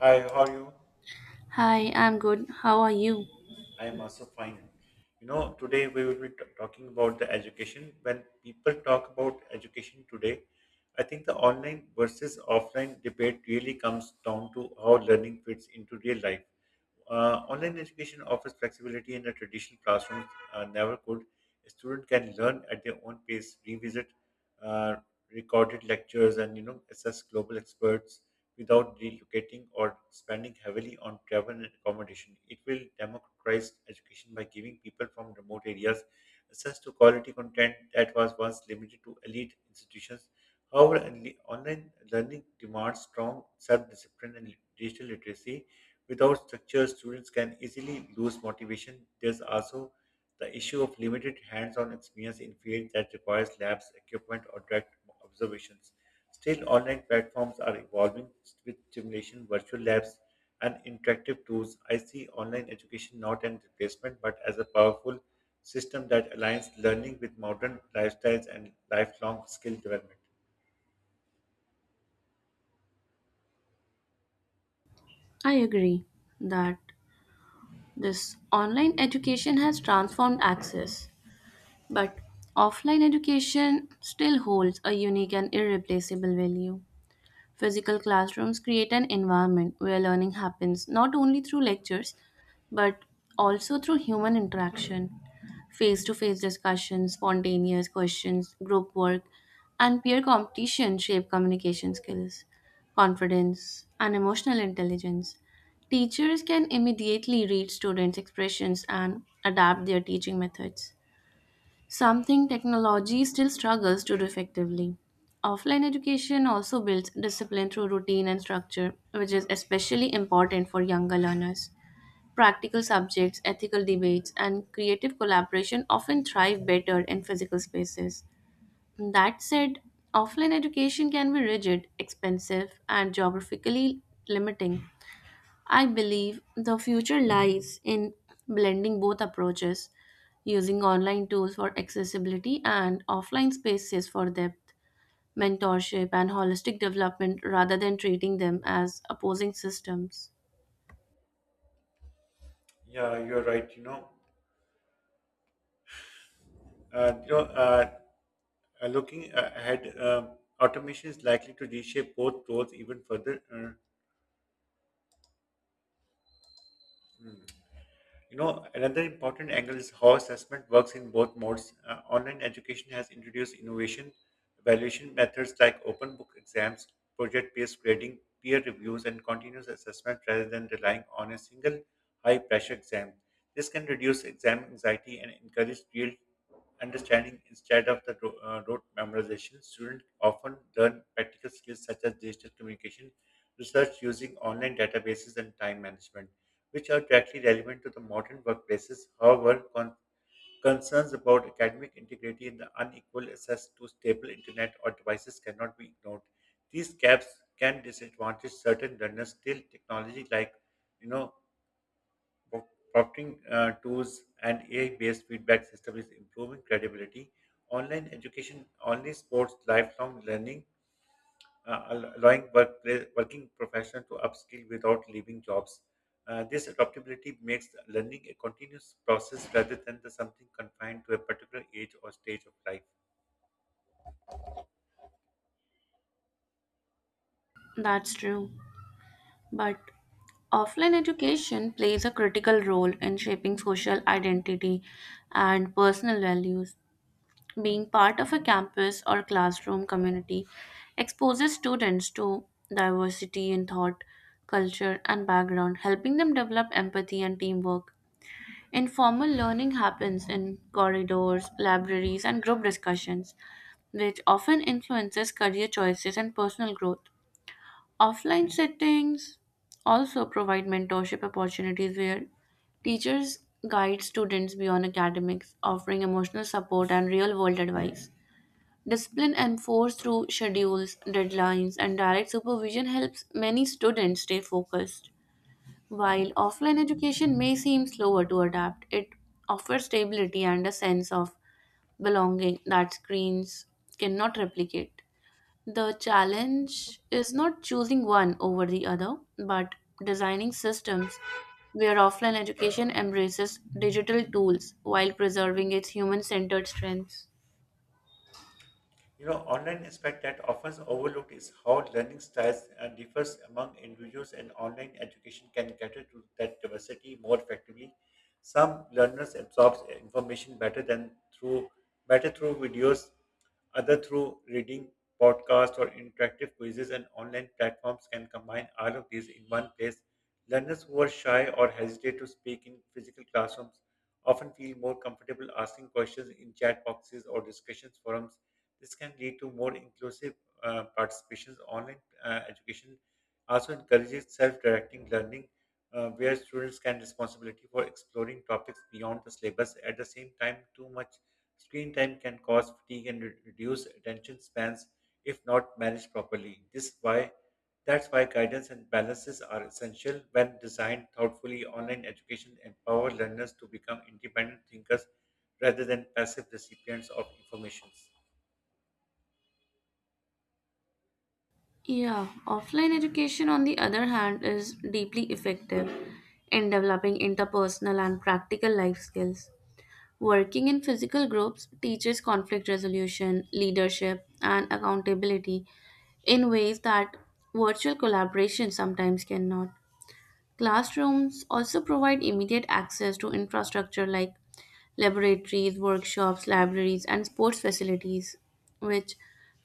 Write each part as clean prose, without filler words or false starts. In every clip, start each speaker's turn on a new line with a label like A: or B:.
A: Hi, how are you?
B: Hi, I'm good. How are you?
A: I am also fine. You know, today we will be talking about the education. When people talk about education today, I think the online versus offline debate really comes down to how learning fits into real life. Online education offers flexibility in a traditional classroom never could. A student can learn at their own pace, revisit uh, recorded lectures and assess global experts without relocating or spending heavily on travel and accommodation. It will democratize education by giving people from remote areas access to quality content that was once limited to elite institutions. However, online learning demands strong self-discipline and digital literacy. Without structure, students can easily lose motivation. There's also the issue of limited hands on experience in fields that requires labs, equipment, or direct observations. Still, online platforms are evolving with simulation, virtual labs, and interactive tools. I see online education not an replacement but as a powerful system that aligns learning with modern lifestyles and lifelong skill development.
B: I agree that this online education has transformed access, but offline education still holds a unique and irreplaceable value. Physical classrooms create an environment where learning happens not only through lectures but also through human interaction. Face to face discussions, spontaneous questions, group work, and peer competition shape communication skills, confidence, and emotional intelligence. Teachers can immediately read students' expressions and adapt their teaching methods, something technology still struggles to do effectively. Offline education also builds discipline through routine and structure, which is especially important for younger learners. Practical subjects, ethical debates, and creative collaboration often thrive better in physical spaces. That said, offline education can be rigid, expensive, and geographically limiting. I believe the future lies in blending both approaches, using online tools for accessibility and offline spaces for depth, mentorship, and holistic development rather than treating them as opposing systems.
A: Yeah, you're right. Uh, you know, uh, Looking ahead, automation is likely to reshape both roles even further. You know, another important angle is how assessment works in both modes. Online education has introduced innovation, evaluation methods like open book exams, project based grading, peer reviews, and continuous assessment rather than relying on a single high pressure exam. This can reduce exam anxiety and encourage real understanding instead of the rote memorization. Students often learn practical skills such as digital communication, research using online databases, and time management which are directly relevant to the modern workplaces. However, concerns about academic integrity and the unequal access to stable internet or devices cannot be ignored. These gaps can disadvantage certain learners. Still, technology like you know pro- prompting tools and AI-based feedback system is improving credibility. Online education only supports lifelong learning allowing workplace, working professionals to upskill without leaving jobs. This adaptability makes learning a continuous process rather than the something confined to a particular age or stage of life.
B: That's true. But offline education plays a critical role in shaping social identity and personal values. Being part of a campus or classroom community exposes students to diversity in thought, culture, and background, helping them develop empathy and teamwork. Informal learning happens in corridors, libraries, and group discussions, which often influences career choices and personal growth. Offline settings also provide mentorship opportunities where teachers guide students beyond academics, offering emotional support and real world advice. Discipline enforced through schedules, deadlines, and direct supervision helps many students stay focused. While offline education may seem slower to adapt, it offers stability and a sense of belonging that screens cannot replicate. The challenge is not choosing one over the other, but designing systems where offline education embraces digital tools while preserving its human centered strengths.
A: You know, online aspect that often overlooked is how learning styles differs among individuals and online education can cater to that diversity more effectively. Some learners absorb information better than through better through videos, other through reading, podcasts or interactive quizzes and online platforms can combine all of these in one place. Learners who are shy or hesitate to speak in physical classrooms often feel more comfortable asking questions in chat boxes or discussions forums. This can lead to more inclusive participations. Online education also encourages self-directing learning, where students can responsibility for exploring topics beyond the syllabus. At the same time, too much screen time can cause fatigue and reduce attention spans if not managed properly. This is why That's why guidance and balances are essential when designed thoughtfully. Online education empowers learners to become independent thinkers rather than passive recipients of information.
B: Yeah, offline education, on the other hand, is deeply effective in developing interpersonal and practical life skills. Working in physical groups teaches conflict resolution, leadership, and accountability in ways that virtual collaboration sometimes cannot. Classrooms also provide immediate access to infrastructure like laboratories, workshops, libraries, and sports facilities, which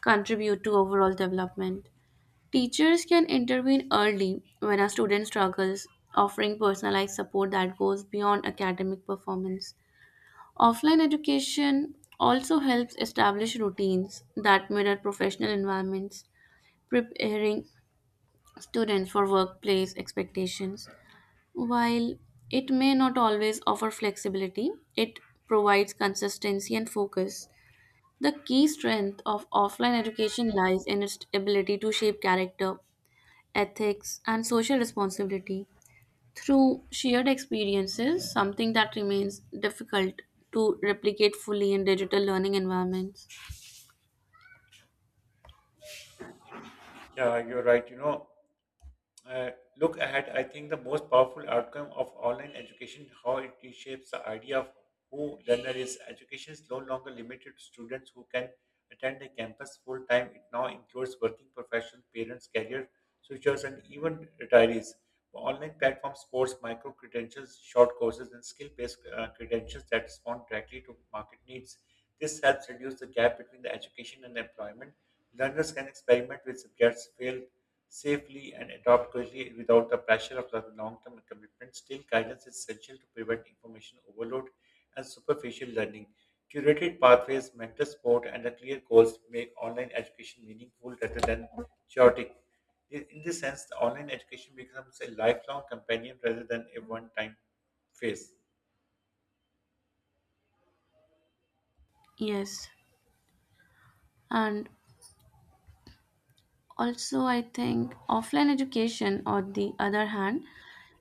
B: contribute to overall development. Teachers can intervene early when a student struggles, offering personalized support that goes beyond academic performance. Offline education also helps establish routines that mirror professional environments, preparing students for workplace expectations. While it may not always offer flexibility, it provides consistency and focus. The key strength of offline education lies in its ability to shape character, ethics, and social responsibility through shared experiences, something that remains difficult to replicate fully in digital learning environments.
A: Yeah, you're right. Uh, Look ahead, I think the most powerful outcome of online education how it reshapes the idea of who learner is. Education is no longer limited to students who can attend a campus full time. It now includes working professionals, parents, career switchers, and even retirees. Online platforms course micro credentials, short courses, and skill based credentials that respond directly to market needs. This helps reduce the gap between the education and employment. Learners can experiment with subjects, fail safely and adopt quickly without the pressure of the long-term commitment. Still, guidance is essential to prevent information overload and superficial learning. Curated pathways, mentor support, and the clear goals make online education meaningful rather than chaotic. In this sense, the online education becomes a lifelong companion rather than a one-time phase.
B: Yes, and also I think offline education, on the other hand,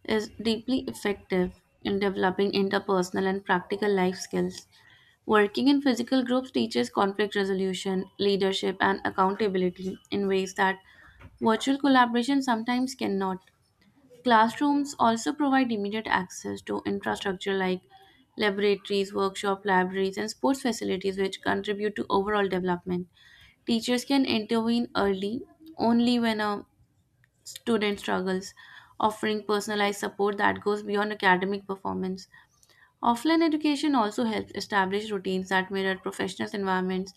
B: is deeply effective in developing interpersonal and practical life skills. Working in physical groups teaches conflict resolution, leadership, and accountability in ways that virtual collaboration sometimes cannot. Classrooms also provide immediate access to infrastructure like laboratories, workshop libraries, and sports facilities, which contribute to overall development. Teachers can intervene early only when a student struggles, offering personalized support that goes beyond academic performance. Offline education also helps establish routines that mirror professional environments,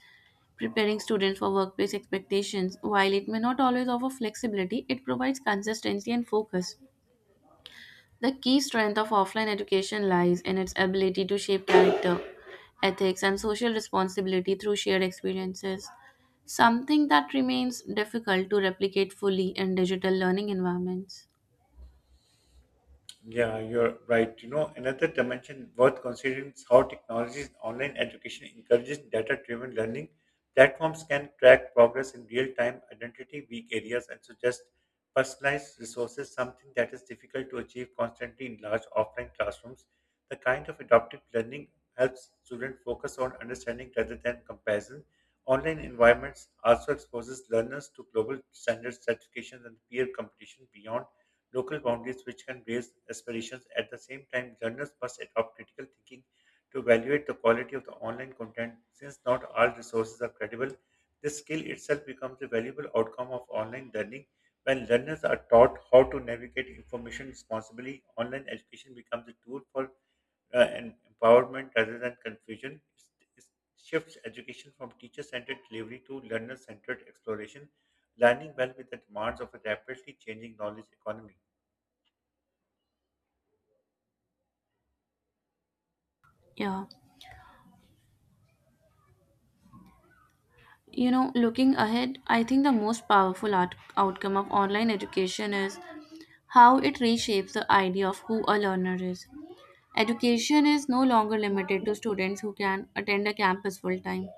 B: preparing students for workplace expectations. While it may not always offer flexibility, it provides consistency and focus. The key strength of offline education lies in its ability to shape character, ethics, and social responsibility through shared experiences, something that remains difficult to replicate fully in digital learning environments.
A: Yeah, you're right. You know, another dimension worth considering is how technologies in online education encourages data-driven learning. Platforms can track progress in real time, identity weak areas, and suggest personalized resources, something that is difficult to achieve constantly in large offline classrooms. The kind of adaptive learning helps students focus on understanding rather than comparison. Online environments also exposes learners to global standards, certifications, and peer competition beyond local boundaries which can raise aspirations. At the same time, journalists must adopt critical thinking to evaluate the quality of the online content since not all resources are credible. This skill itself becomes a valuable outcome of online learning. When learners are taught how to navigate information responsibly, online education becomes a tool for an empowerment rather than confusion. It shifts education from teacher centered delivery to learner centered exploration, aligning well with the demands of a rapidly changing knowledge economy.
B: Yeah. You know, looking ahead, I think the most powerful outcome of online education is how it reshapes the idea of who a learner is. Education is no longer limited to students who can attend a campus full time.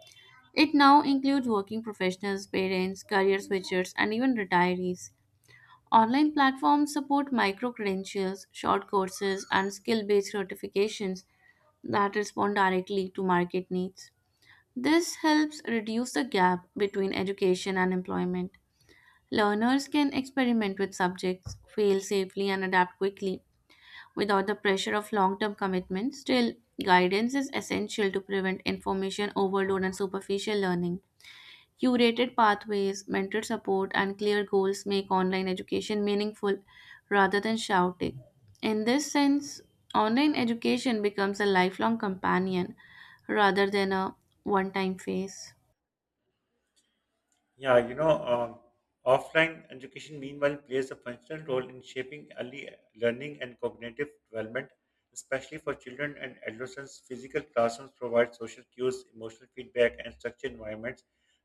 B: It now includes working professionals, parents, career switchers, and even retirees. Online platforms support micro credentials, short courses, and skill based certifications that respond directly to market needs. This helps reduce the gap between education and employment. Learners can experiment with subjects, fail safely, and adapt quickly without the pressure of long term commitment. Still, guidance is essential to prevent information overload and superficial learning. Curated pathways, mentor support, and clear goals make online education meaningful rather than shouting. In this sense, online education becomes a lifelong companion rather than a one time phase.
A: Yeah, you know, um, Offline education, meanwhile, plays a functional role in shaping early learning and cognitive development, especially for children and adolescents. Physical classrooms provide social cues, emotional feedback, and structured environments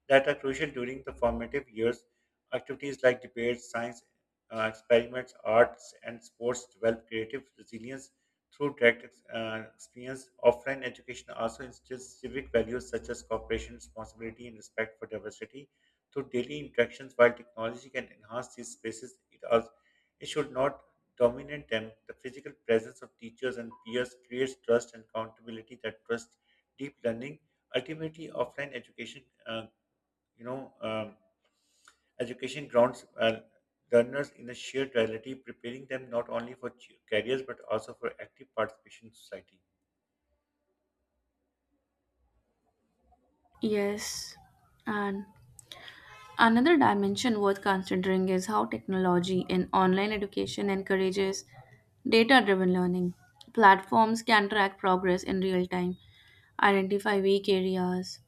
A: that are crucial during the formative years. Activities like debates, science experiments, arts, and sports develop creative resilience through direct experience. Offline education also instills civic values such as cooperation, responsibility, and respect for diversity to daily interactions. While technology can enhance these spaces, it, also, it should not dominate them. The physical presence of teachers and peers creates trust and accountability that trust deep learning. Ultimately, offline education, you know, um, education grounds learners in a shared reality, preparing them not only for careers but also for active participation in society.
B: Yes, and another dimension worth considering is how technology in online education encourages data driven learning. Platforms can track progress in real time, identify weak areas,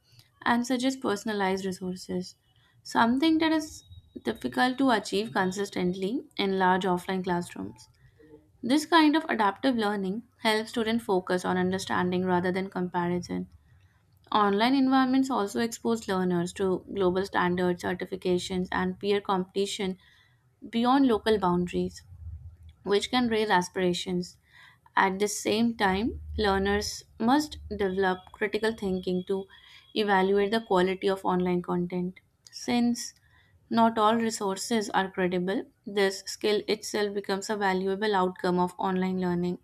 B: and suggest personalized resources, something that is difficult to achieve consistently in large offline classrooms. This kind of adaptive learning helps students focus on understanding rather than comparison. Online environments also expose learners to global standards, certifications, and peer competition beyond local boundaries, which can raise aspirations. At the same time, learners must develop critical thinking to evaluate the quality of online content. Since not all resources are credible, this skill itself becomes a valuable outcome of online learning.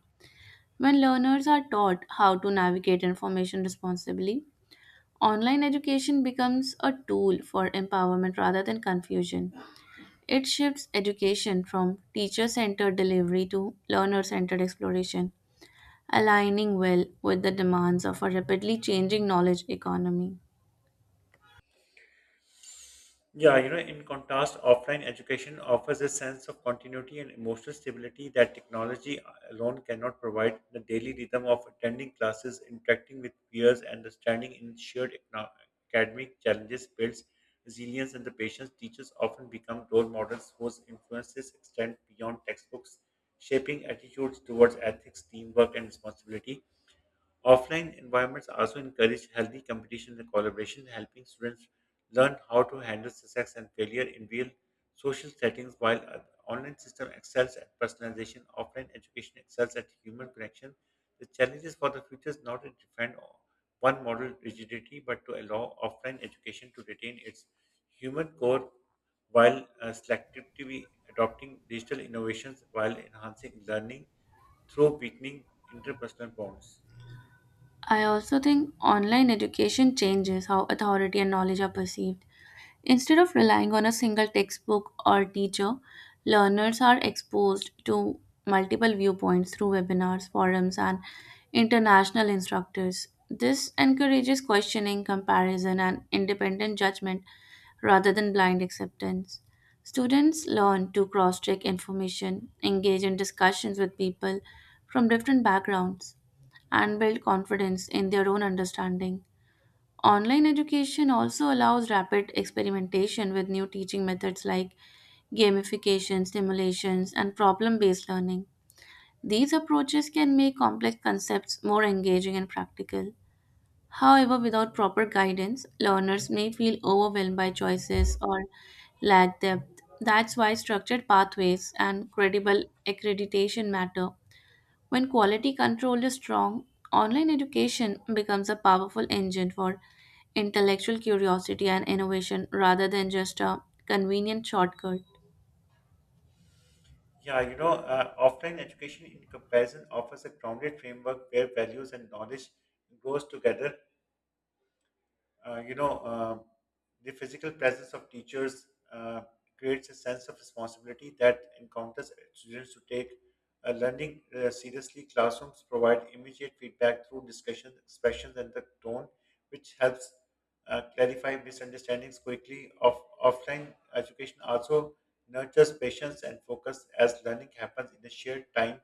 B: When learners are taught how to navigate information responsibly, online education becomes a tool for empowerment rather than confusion. It shifts education from teacher centered delivery to learner centered exploration, aligning well with the demands of a rapidly changing knowledge economy.
A: Yeah, you know, in contrast, offline education offers a sense of continuity and emotional stability that technology alone cannot provide. The daily rhythm of attending classes, interacting with peers, and understanding in shared academic challenges builds resilience and the patience. Teachers often become role models whose influences extend beyond textbooks, shaping attitudes towards ethics, teamwork, and responsibility. Offline environments also encourage healthy competition and collaboration, helping students learn how to handle success and failure in real social settings, while online system excels at personalization, offline education excels at human connection. The challenges for the future is not to defend one model rigidity, but to allow offline education to retain its human core while selectively adopting digital innovations while enhancing learning through weakening interpersonal bonds.
B: I also think online education changes how authority and knowledge are perceived. Instead of relying on a single textbook or teacher, learners are exposed to multiple viewpoints through webinars, forums, and international instructors. This encourages questioning, comparison, and independent judgment rather than blind acceptance. Students learn to cross check information, engage in discussions with people from different backgrounds, and build confidence in their own understanding. Online education also allows rapid experimentation with new teaching methods like gamification, simulations, and problem based learning. These approaches can make complex concepts more engaging and practical. However, without proper guidance, learners may feel overwhelmed by choices or lack depth. That's why structured pathways and credible accreditation matter when quality control is strong, online education becomes a powerful engine for intellectual curiosity and innovation rather than just a convenient shortcut.
A: Offline education in comparison offers a grounded framework where values and knowledge grows together uh, you know, uh, the physical presence of teachers creates a sense of responsibility that encounters students to take learning seriously. Classrooms provide immediate feedback through discussion, expressions, and the tone, which helps clarify misunderstandings quickly. Offline education also nurtures patience and focus as learning happens in a shared time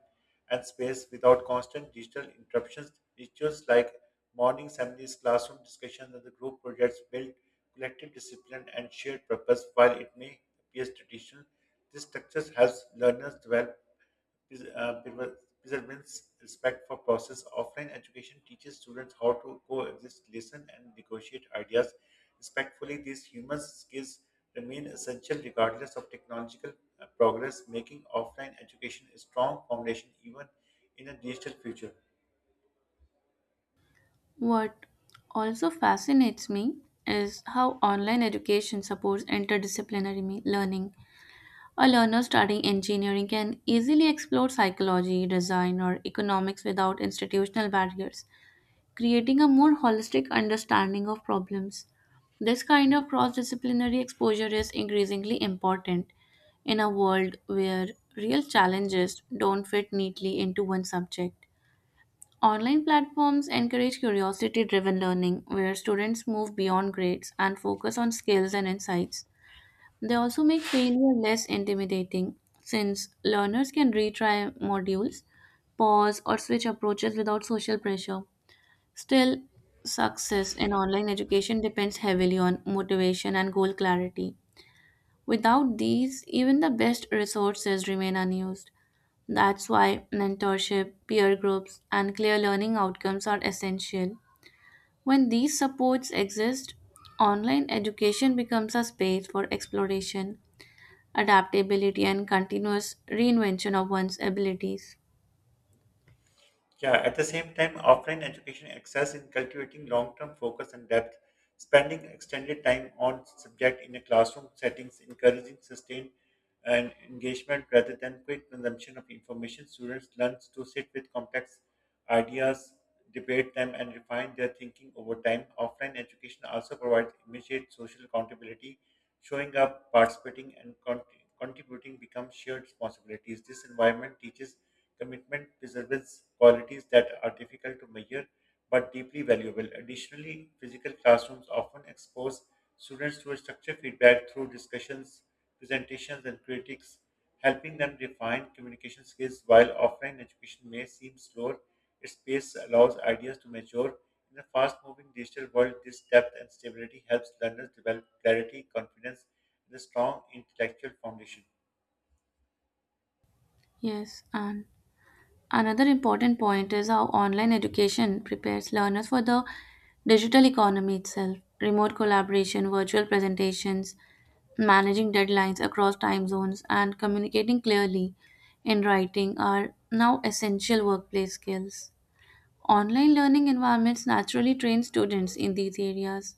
A: and space without constant digital interruptions. Rituals like Morning assemblies, classroom discussions, and the group projects build collective discipline and shared purpose. While it may appear traditional, this structure helps learners develop pres- uh, perver- perseverance, respect for process. Offline education teaches students how to coexist, listen, and negotiate ideas respectfully. These human skills remain essential regardless of technological progress, making offline education a strong foundation even in a digital future.
B: What also fascinates me is how online education supports interdisciplinary learning. A learner studying engineering can easily explore psychology, design, or economics without institutional barriers, creating a more holistic understanding of problems. This kind of cross disciplinary exposure is increasingly important in a world where real challenges don't fit neatly into one subject. Online platforms encourage curiosity driven learning where students move beyond grades and focus on skills and insights. They also make failure less intimidating since learners can retry modules, pause, or switch approaches without social pressure. Still, success in online education depends heavily on motivation and goal clarity. Without these, even the best resources remain unused. That's why mentorship, peer groups, and clear learning outcomes are essential. When these supports exist, online education becomes a space for exploration, adaptability, and continuous reinvention of one's abilities.
A: Yeah, at the same time, offline education excels in cultivating long term focus and depth, spending extended time on subject in a classroom settings, encouraging sustained and engagement rather than quick consumption of information. Students learn to sit with complex ideas, debate them, and refine their thinking over time. Offline education also provides immediate social accountability, showing up, participating, and contributing become shared responsibilities. This environment teaches Commitment preserves qualities that are difficult to measure but deeply valuable. Additionally, physical classrooms often expose students to a structured feedback through discussions, presentations, and critiques, helping them refine communication skills. While offline education may seem slower, its pace allows ideas to mature. In a fast moving digital world, this depth and stability helps learners develop clarity, confidence, and a strong intellectual foundation.
B: Yes, and another important point is how online education prepares learners for the digital economy itself. Remote collaboration, virtual presentations, managing deadlines across time zones, and communicating clearly in writing are now essential workplace skills. Online learning environments naturally train students in these areas.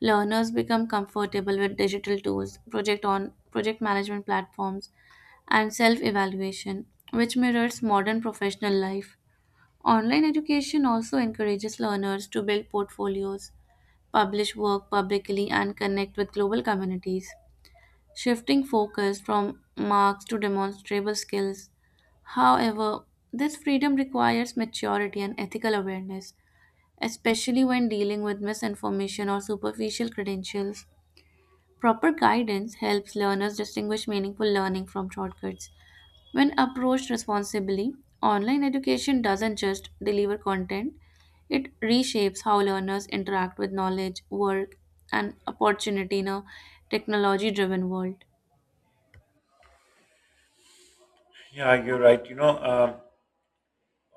B: Learners become comfortable with digital tools, project management platforms, and self-evaluation, which mirrors modern professional life. Online education also encourages learners to build portfolios, publish work publicly, and connect with global communities, shifting focus from marks to demonstrable skills. However, this freedom requires maturity and ethical awareness, especially when dealing with misinformation or superficial credentials. Proper guidance helps learners distinguish meaningful learning from shortcuts when approached responsibly, online education doesn't just deliver content, it reshapes how learners interact with knowledge, work, and opportunity in a technology driven world.
A: Yeah, you're right.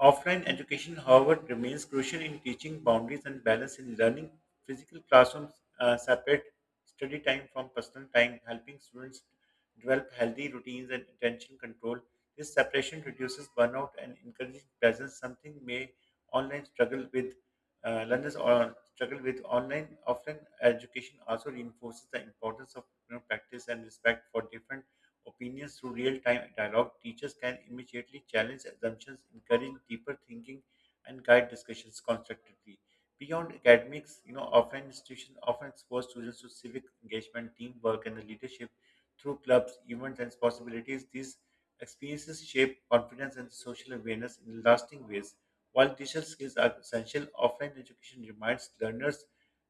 A: Offline education, however, remains crucial in teaching boundaries and balance in learning. Physical classrooms separate study time from personal time, helping students develop healthy routines and attention control. This separation reduces burnout and encourages presence, something may online struggle with. Learners or struggle with online offline education also reinforces the importance of practice and respect for different opinions through real time dialogue, teachers can immediately challenge assumptions, encourage deeper thinking, and guide discussions constructively. Beyond academics, offline institutions often expose students to civic engagement, teamwork, and the leadership through clubs, events, and possibilities. These experiences shape confidence and social awareness in lasting ways. While digital skills are essential, offline education reminds learners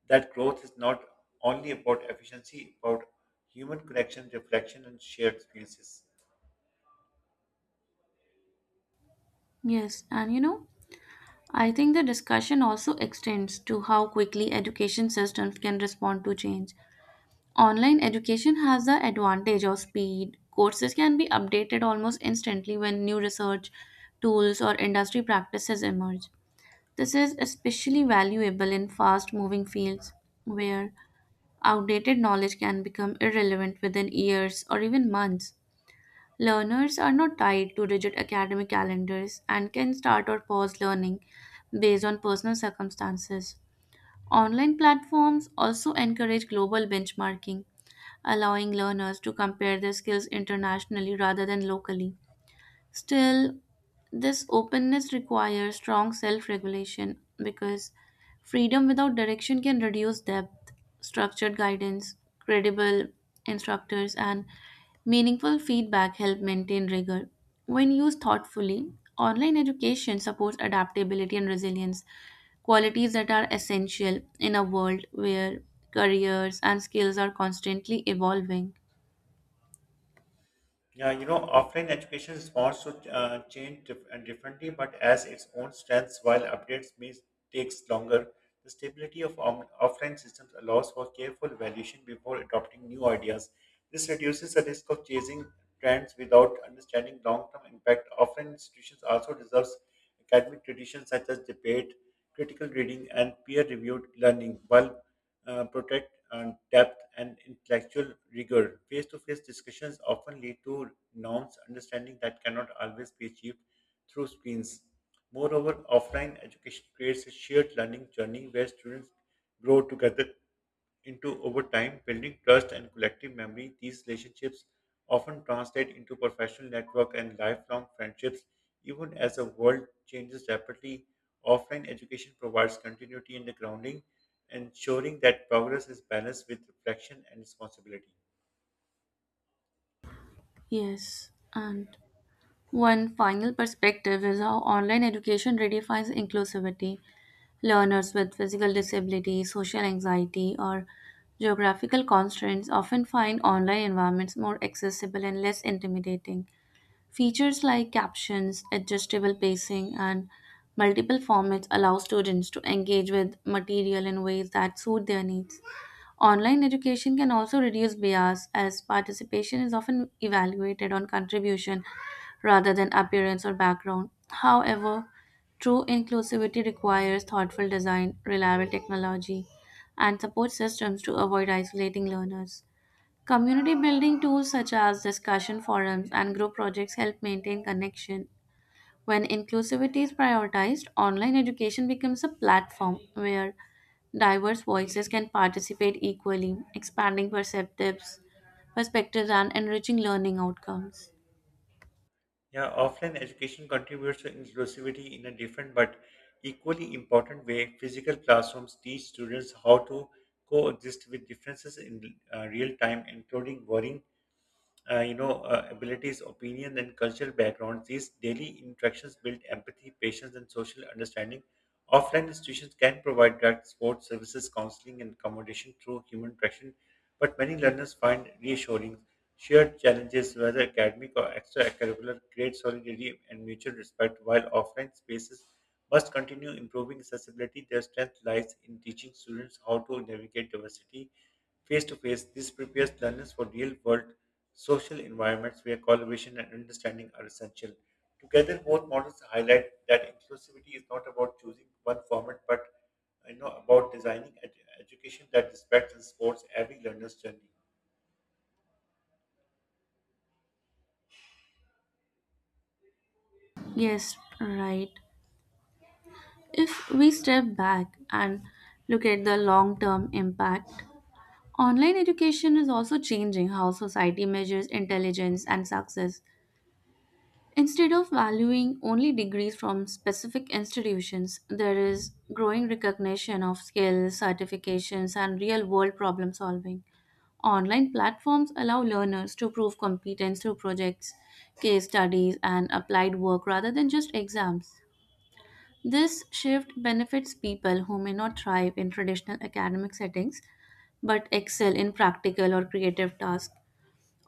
A: that growth is not only about efficiency, about human connection, reflection, and shared experiences.
B: Yes, and you know, I think the discussion also extends to how quickly education systems can respond to change. Online education has the advantage of speed. Courses can be updated almost instantly when new research, tools, or industry practices emerge. This is especially valuable in fast moving fields where outdated knowledge can become irrelevant within years or even months. Learners are not tied to rigid academic calendars and can start or pause learning based on personal circumstances. Online platforms also encourage global benchmarking, allowing learners to compare their skills internationally rather than locally. Still, this openness requires strong self regulation because freedom without direction can reduce depth, structured guidance, credible instructors, and meaningful feedback help maintain rigor. When used thoughtfully, online education supports adaptability and resilience, qualities that are essential in a world where careers and skills are constantly evolving.
A: Yeah, you know, offline education responds to change dif- and differently, but as its own strengths, while updates may takes longer. The stability of offline systems allows for careful evaluation before adopting new ideas. This reduces the risk of chasing trends without understanding long-term impact. Offline institutions also deserves academic traditions such as debate, critical reading, and peer reviewed learning, while protect depth and intellectual rigor. Face to face discussions often lead to norms understanding that cannot always be achieved through screens. Moreover, offline education creates a shared learning journey where students grow together into over time, building trust and collective memory, these relationships often translate into professional network and lifelong friendships. Even as the world changes rapidly, offline education provides continuity and grounding, ensuring that progress is balanced with reflection and responsibility.
B: Yes, and one final perspective is how online education redefines inclusivity. Learners with physical disabilities, social anxiety, or geographical constraints often find online environments more accessible and less intimidating. Features like captions, adjustable pacing, and multiple formats allow students to engage with material in ways that suit their needs. Online education can also reduce bias as participation is often evaluated on contribution rather than appearance or background. However, true inclusivity requires thoughtful design, reliable technology, and support systems to avoid isolating learners. Community building tools such as discussion forums and group projects help maintain connection when inclusivity is prioritized, online education becomes a platform where diverse voices can participate equally, expanding perspectives, and enriching learning outcomes.
A: Yeah, offline education contributes to inclusivity in a different but equally important way. Physical classrooms teach students how to coexist with differences in real time, including worrying abilities, opinion, and cultural backgrounds. These daily interactions build empathy, patience, and social understanding. Offline institutions can provide direct support, services, counseling, and accommodation through human interaction, but many learners find reassuring shared challenges, whether academic or extracurricular, create solidarity and mutual respect, while offline spaces must continue improving accessibility. Their strength lies in teaching students how to navigate diversity Face to face, this prepares learners for real world social environments where collaboration and understanding are essential. Together, both models highlight that inclusivity is not about choosing one format but about designing education that respects and supports every learner's journey.
B: Yes, right. If we step back and look at the long term impact, online education is also changing how society measures intelligence and success. Instead of valuing only degrees from specific institutions, there is growing recognition of skills, certifications, and real world problem solving. Online platforms allow learners to prove competence through projects, case studies, and applied work rather than just exams. This shift benefits people who may not thrive in traditional academic settings but excel in practical or creative tasks.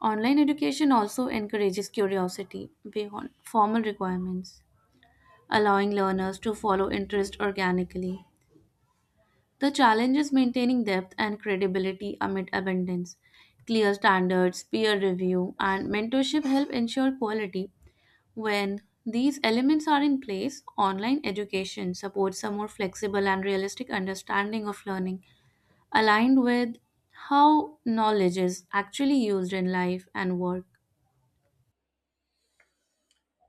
B: Online education also encourages curiosity beyond formal requirements allowing learners to follow interest organically. The challenge is maintaining depth and credibility amid abundance. Clear standards, peer review, and mentorship help ensure quality. When these elements are in place, online education supports a more flexible and realistic understanding of learning, aligned with how knowledge is actually used in life and work.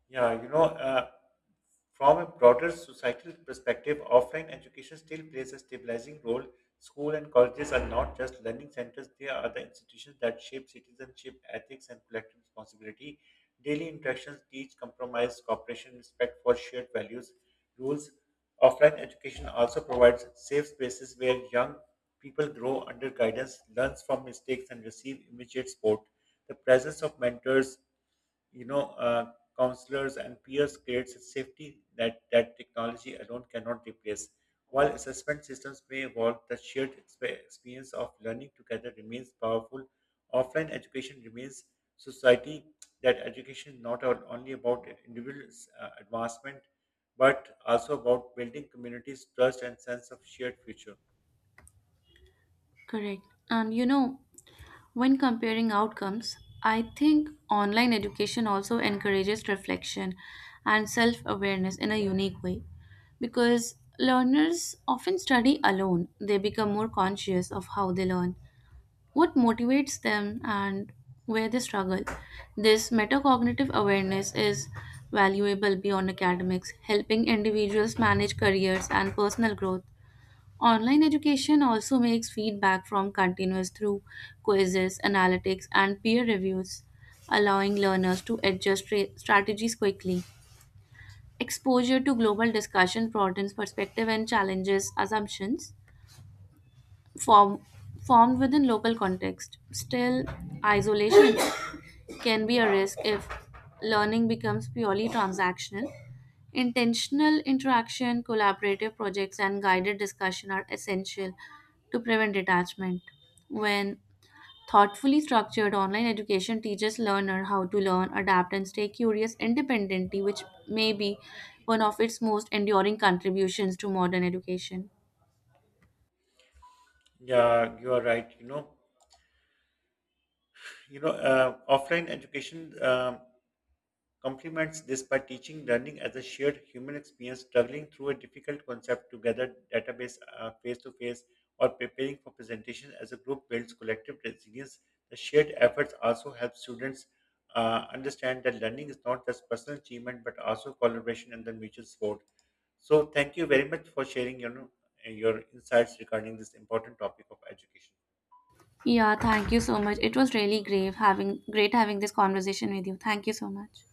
A: Yeah, you know, uh, from a broader societal perspective, offline education still plays a stabilizing role. School and colleges are not just learning centers, they are the institutions that shape citizenship, ethics, and collective responsibility. Daily interactions teach compromise, cooperation, respect for shared values, rules. Offline education also provides safe spaces where young people grow under guidance, learns from mistakes, and receive immediate support. The presence of mentors, you know, uh, counselors and peers creates a safety that technology alone cannot replace. While assessment systems may evolve, the shared experience of learning together remains powerful. Offline education remains society that education is not only about individuals' advancement, but also about building communities' trust and sense of shared future.
B: Correct. And you know, when comparing outcomes, I think online education also encourages reflection and self awareness in a unique way because learners often study alone. They become more conscious of how they learn, what motivates them, and where they struggle. This metacognitive awareness is valuable beyond academics, helping individuals manage careers and personal growth. Online education also makes feedback from continuous through quizzes, analytics, and peer reviews, allowing learners to adjust strategies quickly. Exposure to global discussion broadens perspective and challenges assumptions form, formed within local context. Still, isolation can be a risk if learning becomes purely transactional. Intentional interaction, collaborative projects, and guided discussion are essential to prevent detachment. When thoughtfully structured online education teaches learner how to learn, adapt, and stay curious independently, which may be one of its most enduring contributions to modern education.
A: Yeah, you are right. Offline education. Complements this by teaching learning as a shared human experience, struggling through a difficult concept together, database face to face, or preparing for presentation as a group builds collective resilience. The shared efforts also help students understand that learning is not just personal achievement but also collaboration and the mutual support. So, thank you very much for sharing your insights regarding this important topic of education.
B: Yeah, thank you so much. It was really great having this conversation with you. Thank you so much.